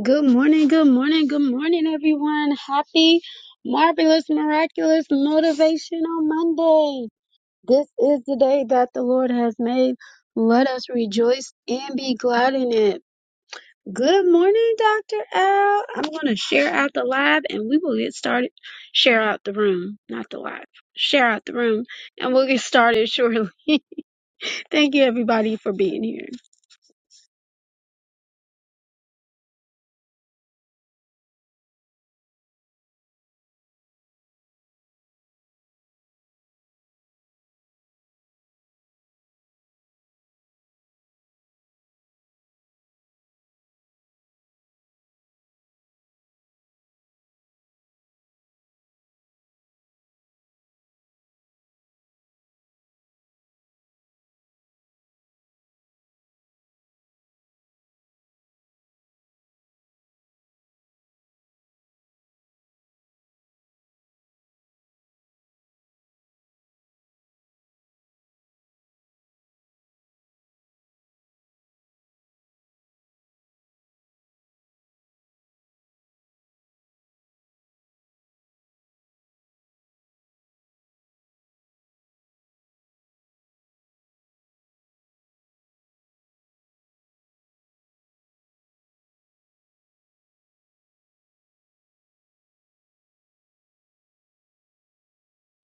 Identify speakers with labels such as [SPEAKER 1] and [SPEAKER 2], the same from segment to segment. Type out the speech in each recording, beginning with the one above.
[SPEAKER 1] Good morning, good morning, good morning, everyone. Happy, marvelous, miraculous, motivational Monday. This is the day that the Lord has made. Let us rejoice and be glad in it. Good morning, Dr. Al. I'm going to share out the live and we will get started. Share out the room, not the live. Share out the room and we'll get started shortly. Thank you, everybody, for being here.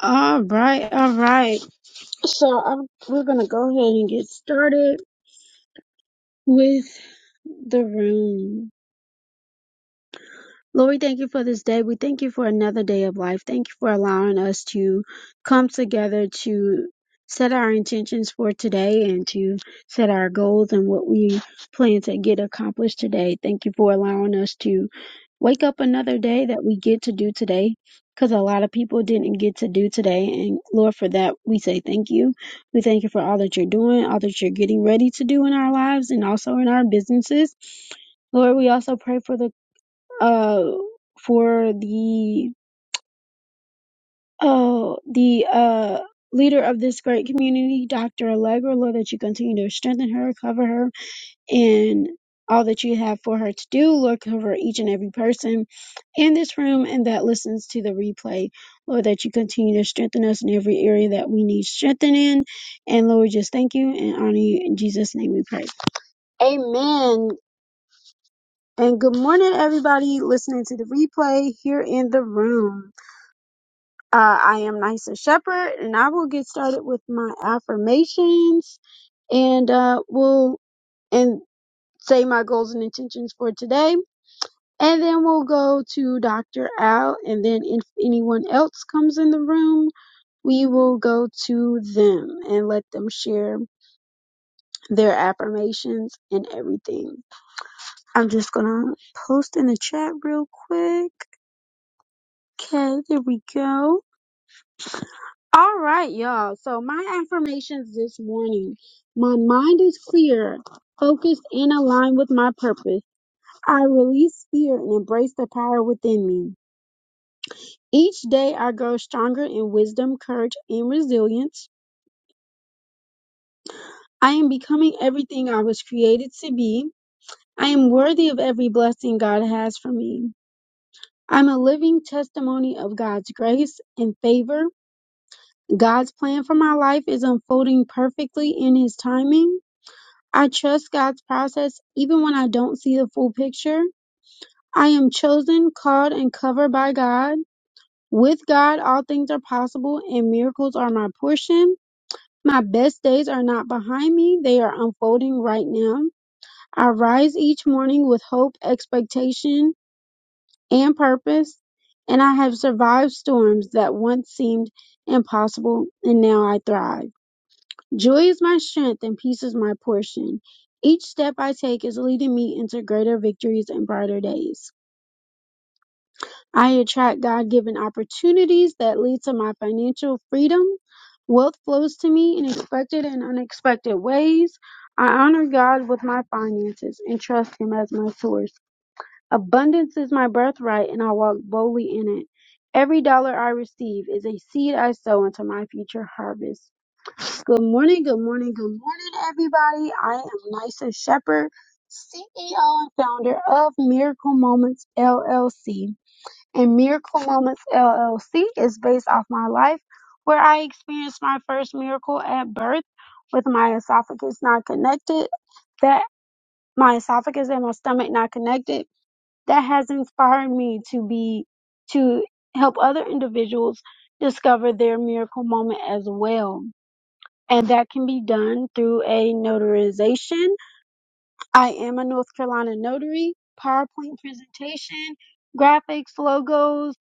[SPEAKER 1] All right, all right. So I'm, we're going to go ahead and get started. with the room. Lord, we thank you for this day. We thank you for another day of life. Thank you for allowing us to come together to set our intentions for today and to set our goals and what we plan to get accomplished today. Thank you for allowing us to wake up another day that we get to do today because a lot of people didn't get to do today. And Lord, for that, we say thank you. We thank you for all that you're doing, all that you're getting ready to do in our lives and also in our businesses. Lord, we also pray for the uh, for the uh, the uh, leader of this great community, Dr. Allegra. Lord, that you continue to strengthen her, cover her, and all that you have for her to do. Lord, cover each and every person in this room and that listens to the replay. Lord, that you continue to strengthen us in every area that we need strengthening. And Lord, we just thank you and honor you. In Jesus' name we pray. Amen. And good morning, everybody listening to the replay here in the room. Uh, I am Nysa Shepherd, and I will get started with my affirmations, and uh, we'll and say my goals and intentions for today, and then we'll go to Dr. Al, and then if anyone else comes in the room, we will go to them and let them share their affirmations and everything. I'm just gonna post in the chat real quick. Okay, there we go. All right, y'all. So my affirmations this morning. My mind is clear, focused, and aligned with my purpose. I release fear and embrace the power within me. Each day I grow stronger in wisdom, courage, and resilience. I am becoming everything I was created to be. I am worthy of every blessing God has for me. I'm a living testimony of God's grace and favor. God's plan for my life is unfolding perfectly in His timing. I trust God's process even when I don't see the full picture. I am chosen, called, and covered by God. With God, all things are possible and miracles are my portion. My best days are not behind me, they are unfolding right now. I rise each morning with hope, expectation, and purpose, and I have survived storms that once seemed impossible, and now I thrive. Joy is my strength and peace is my portion. Each step I take is leading me into greater victories and brighter days. I attract God-given opportunities that lead to my financial freedom. Wealth flows to me in expected and unexpected ways. I honor God with my finances and trust Him as my source. Abundance is my birthright and I walk boldly in it. Every dollar I receive is a seed I sow into my future harvest. Good morning, good morning, good morning, everybody. I am Nysa Shepherd, CEO and founder of Miracle Moments LLC. And Miracle Moments LLC is based off my life where I experienced my first miracle at birth with my esophagus not connected, that my esophagus and my stomach not connected. That has inspired me to be, to help other individuals discover their miracle moment as well and that can be done through a notarization. I am a North Carolina notary, PowerPoint presentation, graphics, logos,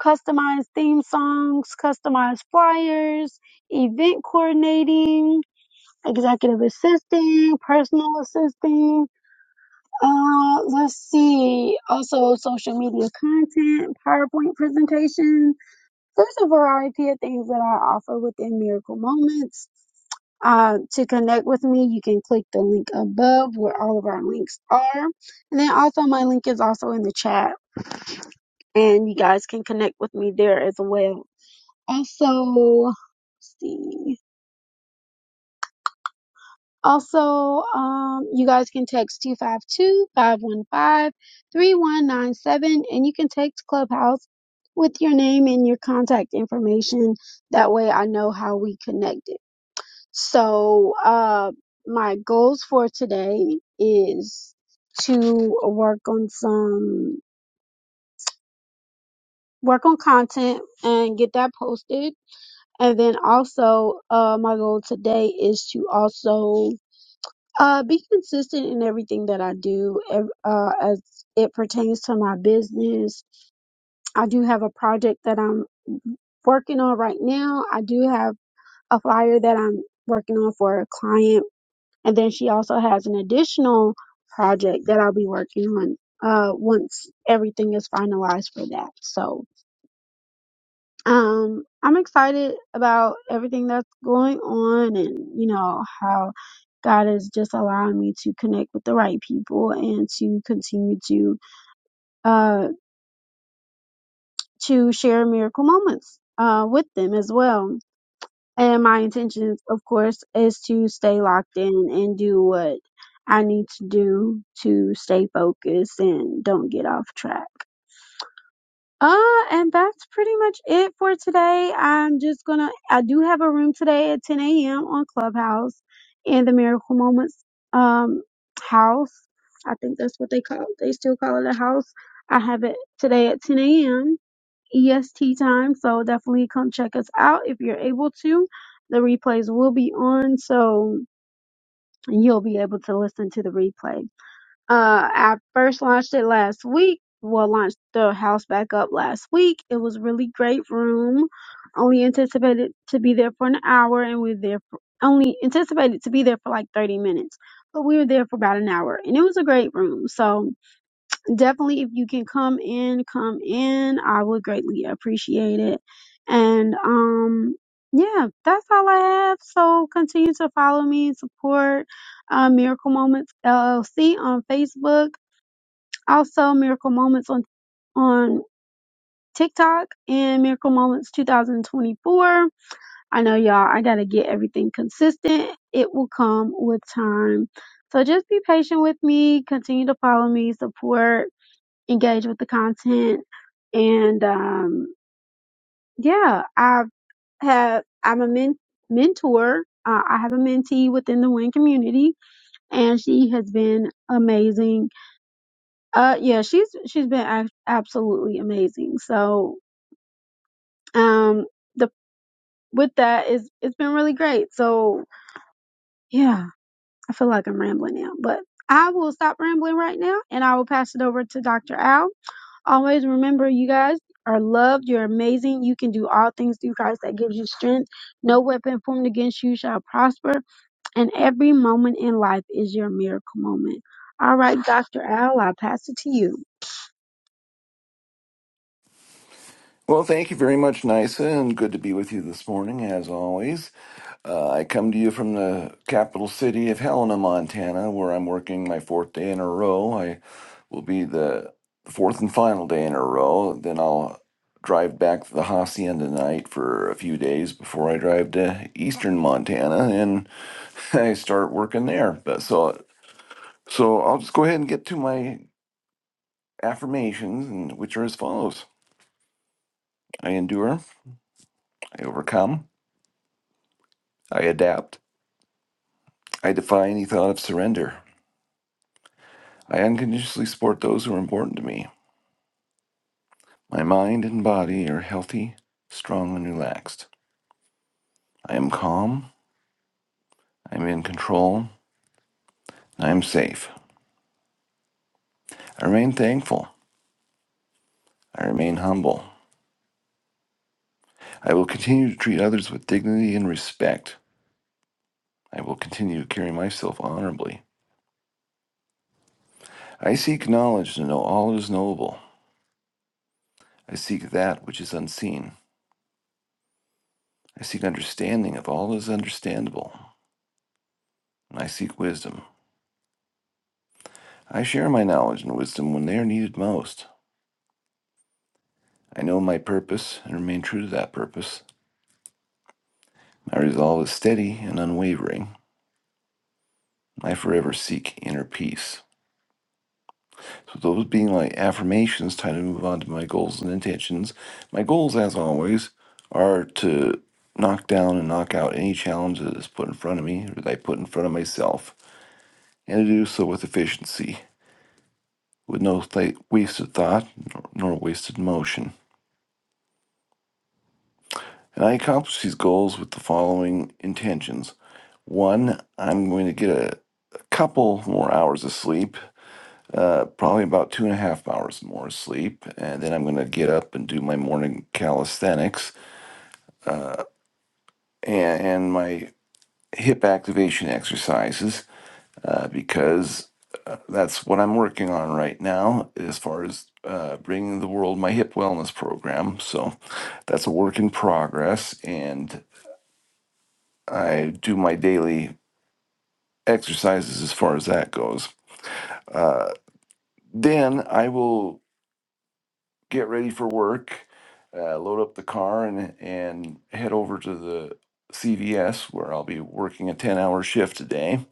[SPEAKER 1] customized theme songs, customized flyers, event coordinating, executive assisting, personal assisting. Uh, let's see, also social media content, PowerPoint presentation. There's a variety of things that I offer within Miracle Moments Uh, to connect with me, you can click the link above where all of our links are. And then also, my link is also in the chat, and you guys can connect with me there as well. Also, let's see. Also, um, you guys can text 252 515 3197, and you can text Clubhouse with your name and your contact information. That way, I know how we connected. So, uh, my goals for today is to work on some work on content and get that posted. And then also, uh, my goal today is to also uh, be consistent in everything that I do ev- uh, as it pertains to my business. I do have a project that I'm working on right now. I do have a flyer that I'm working on for a client And then she also has an additional project that I'll be working on uh, once everything is finalized for that. So um, I'm excited about everything that's going on and, you know, how God is just allowing me to connect with the right people and to continue to uh, to share miracle moments uh, with them as well And my intentions, of course, is to stay locked in and do what I need to do to stay focused and don't get off track. Uh, and that's pretty much it for today. I'm just gonna, I do have a room today at 10 a.m. on Clubhouse in the Miracle Moments, um, house. I think that's what they call, they still call it a house. I have it today at 10 a.m EST time. So definitely come check us out if you're able to. The replays will be on, so you'll be able to listen to the replay. Uh, I first launched it last week. Well, launched the house back up last week. It was really great room. Only anticipated to be there for an hour, and we are there for, only anticipated to be there for like 30 minutes, but we were there for about an hour, and it was a great room. So definitely if you can come in, come in. I would greatly appreciate it. And um yeah, that's all I have. So continue to follow me, support uh, Miracle Moments LLC on Facebook, also Miracle Moments on on TikTok and Miracle Moments 2024. I know y'all, I gotta get everything consistent. It will come with time. So just be patient with me. Continue to follow me, support engage with the content. And um, yeah, I've had, I'm a men- mentor. Uh, I have a mentee within the WIN community, and she has been amazing. Uh, yeah, she's she's been ac- absolutely amazing. So, um, the with that is it's been really great. So, yeah, I feel like I'm rambling now, but I will stop rambling right now, and I will pass it over to Dr. Al Always remember, you guys are loved. You're amazing. You can do all things through Christ that gives you strength. No weapon formed against you shall prosper. And every moment in life is your miracle moment. All right, Dr. Al, I'll pass it to you.
[SPEAKER 2] Well, thank you very much, Nisa, and good to be with you this morning, as always. Uh, I come to you from the capital city of Helena, Montana, where I'm working my fourth day in a row. I will be the fourth and final day in a row. Then I'll drive back to the hacienda night for a few days before I drive to eastern Montana and I start working there. But so, so I'll just go ahead and get to my affirmations, and which are as follows: I endure, I overcome, I adapt. I defy any thought of surrender. I unconditionally support those who are important to me. My mind and body are healthy, strong, and relaxed. I am calm. I am in control. I am safe. I remain thankful. I remain humble. I will continue to treat others with dignity and respect. I will continue to carry myself honorably. I seek knowledge to know all that is knowable. I seek that which is unseen. I seek understanding of all that is understandable. And I seek wisdom. I share my knowledge and wisdom when they are needed most. I know my purpose and remain true to that purpose. My resolve is steady and unwavering. I forever seek inner peace. So, those being my affirmations, time to move on to my goals and intentions. My goals, as always, are to knock down and knock out any challenge that is put in front of me or that I put in front of myself, and to do so with efficiency, with no th- wasted thought nor nor wasted motion. And I accomplish these goals with the following intentions. One, I'm going to get a, a couple more hours of sleep, uh, probably about two and a half hours more sleep. And then I'm going to get up and do my morning calisthenics and, and my hip activation exercises uh, because uh, that's what I'm working on right now as far as uh, bringing the world my hip wellness program. So that's a work in progress. And I do my daily exercises as far as that goes. Uh, then I will get ready for work, uh, load up the car, and and head over to the CVS where I'll be working a ten-hour shift today.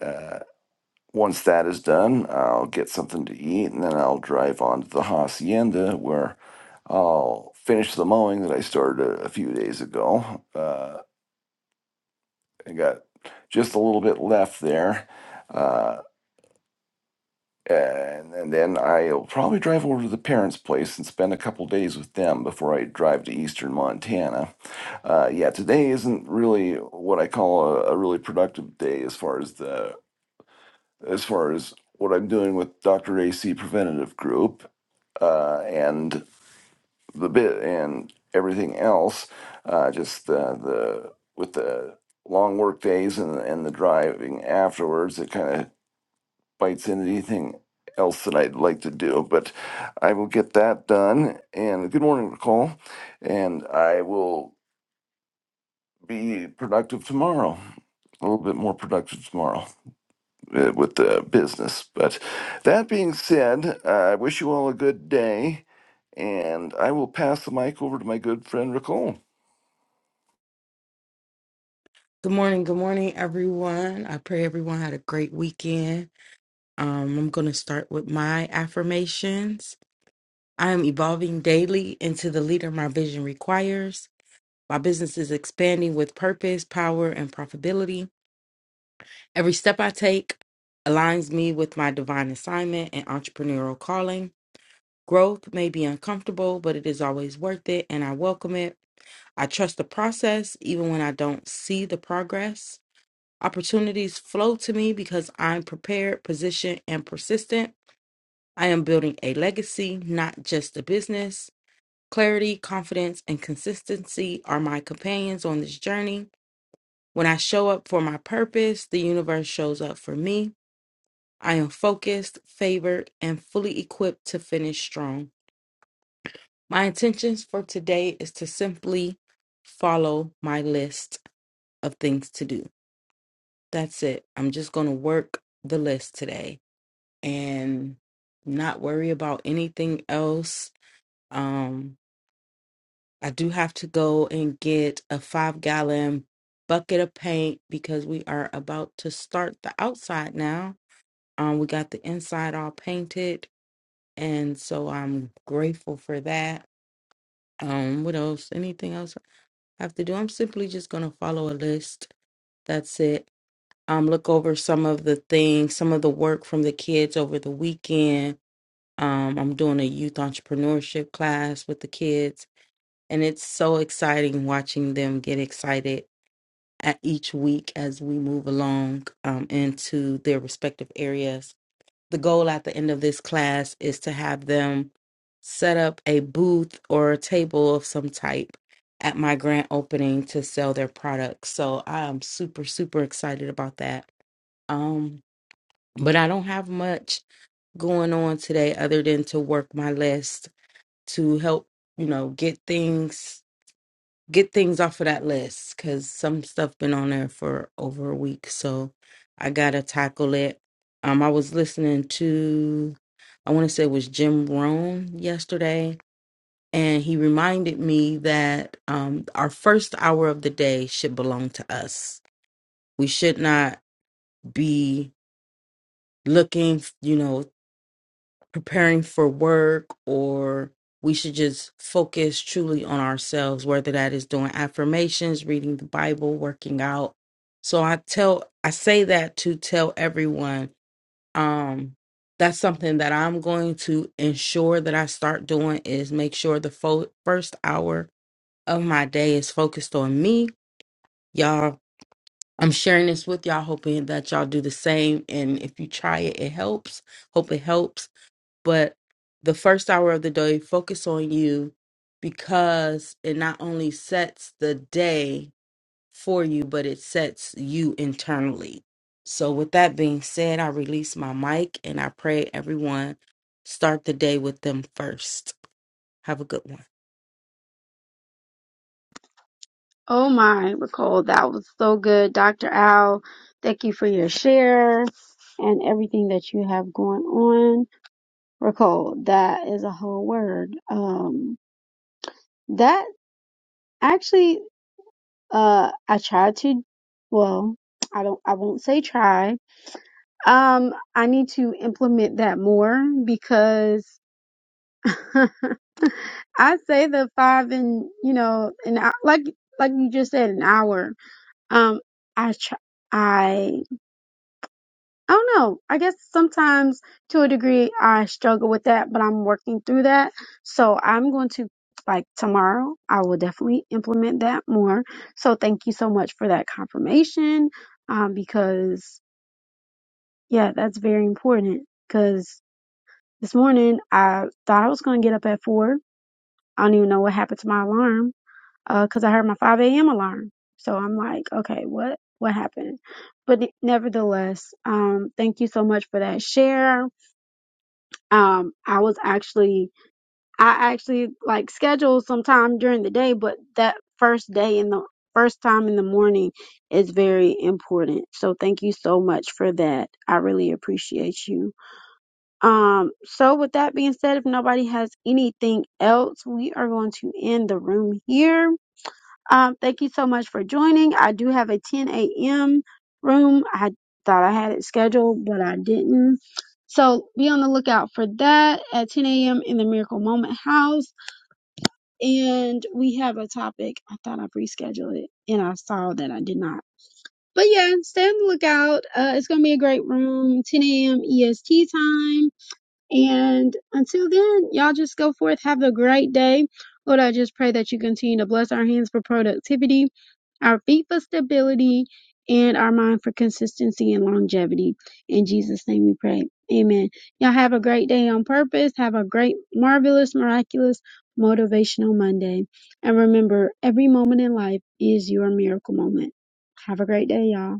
[SPEAKER 2] Uh, once that is done, I'll get something to eat, and then I'll drive on to the hacienda where I'll finish the mowing that I started a, a few days ago. Uh, I got just a little bit left there. Uh, and, and then I'll probably drive over to the parents' place and spend a couple days with them before I drive to eastern Montana. Uh, yeah, today isn't really what I call a, a really productive day as far as the as far as what I'm doing with Dr. AC Preventative Group uh, and the bit and everything else. Uh, just uh, the with the long work days and and the driving afterwards, it kind of bites in anything else that I'd like to do, but I will get that done. And good morning, Nicole. And I will be productive tomorrow, a little bit more productive tomorrow uh, with the business. But that being said, uh, I wish you all a good day. And I will pass the mic over to my good friend, Nicole.
[SPEAKER 3] Good morning, good morning, everyone. I pray everyone had a great weekend. Um, I'm going to start with my affirmations. I am evolving daily into the leader my vision requires. My business is expanding with purpose, power, and profitability. Every step I take aligns me with my divine assignment and entrepreneurial calling. Growth may be uncomfortable, but it is always worth it, and I welcome it. I trust the process even when I don't see the progress. Opportunities flow to me because I'm prepared, positioned, and persistent. I am building a legacy, not just a business. Clarity, confidence, and consistency are my companions on this journey. When I show up for my purpose, the universe shows up for me. I am focused, favored, and fully equipped to finish strong. My intentions for today is to simply follow my list of things to do. That's it. I'm just going to work the list today and not worry about anything else. Um, I do have to go and get a five gallon bucket of paint because we are about to start the outside now. Um, we got the inside all painted, and so I'm grateful for that. Um, what else? Anything else I have to do? I'm simply just gonna follow a list. That's it. Um, look over some of the things, some of the work from the kids over the weekend Um, I'm doing a youth entrepreneurship class with the kids, and it's so exciting watching them get excited at each week as we move along um, into their respective areas. The goal at the end of this class is to have them set up a booth or a table of some type at my grand opening to sell their products. So I am super, super excited about that. Um, but I don't have much going on today other than to work my list to help you know get things get things off of that list because some stuff been on there for over a week so i gotta tackle it um i was listening to i want to say it was jim rohn yesterday and he reminded me that um our first hour of the day should belong to us we should not be looking you know preparing for work or we should just focus truly on ourselves whether that is doing affirmations reading the bible working out so i tell i say that to tell everyone um that's something that i'm going to ensure that i start doing is make sure the fo- first hour of my day is focused on me y'all i'm sharing this with y'all hoping that y'all do the same and if you try it it helps hope it helps but the first hour of the day focus on you because it not only sets the day for you but it sets you internally so with that being said i release my mic and i pray everyone start the day with them first have a good one
[SPEAKER 1] Oh my, Nicole, that was so good. Dr. Al, thank you for your share and everything that you have going on. Nicole, that is a whole word. Um, that actually Uh, I try to, well, I don't, I won't say try. Um, I need to implement that more because I say the five and, you know, and I, like, like you just said, an hour. Um, I try, I don't know. I guess sometimes to a degree I struggle with that, but I'm working through that. So I'm going to, like tomorrow, I will definitely implement that more. So thank you so much for that confirmation. Um, because yeah, that's very important. Cause this morning I thought I was going to get up at four. I don't even know what happened to my alarm. Uh, cause I heard my 5 a.m. alarm. So I'm like, okay, what, what happened? But nevertheless, um, thank you so much for that share um i was actually i actually like scheduled some time during the day but that first day in the first time in the morning is very important so thank you so much for that i really appreciate you um so with that being said if nobody has anything else we are going to end the room here um, thank you so much for joining. I do have a 10 a.m. room. I thought I had it scheduled, but I didn't. So be on the lookout for that at 10 a.m. in the Miracle Moment House. And we have a topic. I thought I rescheduled it and I saw that I did not. But yeah, stay on the lookout. Uh, it's going to be a great room. 10 a.m. EST time. And until then, y'all just go forth. Have a great day. Lord, I just pray that you continue to bless our hands for productivity, our feet for stability, and our mind for consistency and longevity. In Jesus' name we pray. Amen. Y'all have a great day on purpose. Have a great, marvelous, miraculous, motivational Monday. And remember, every moment in life is your miracle moment. Have a great day, y'all.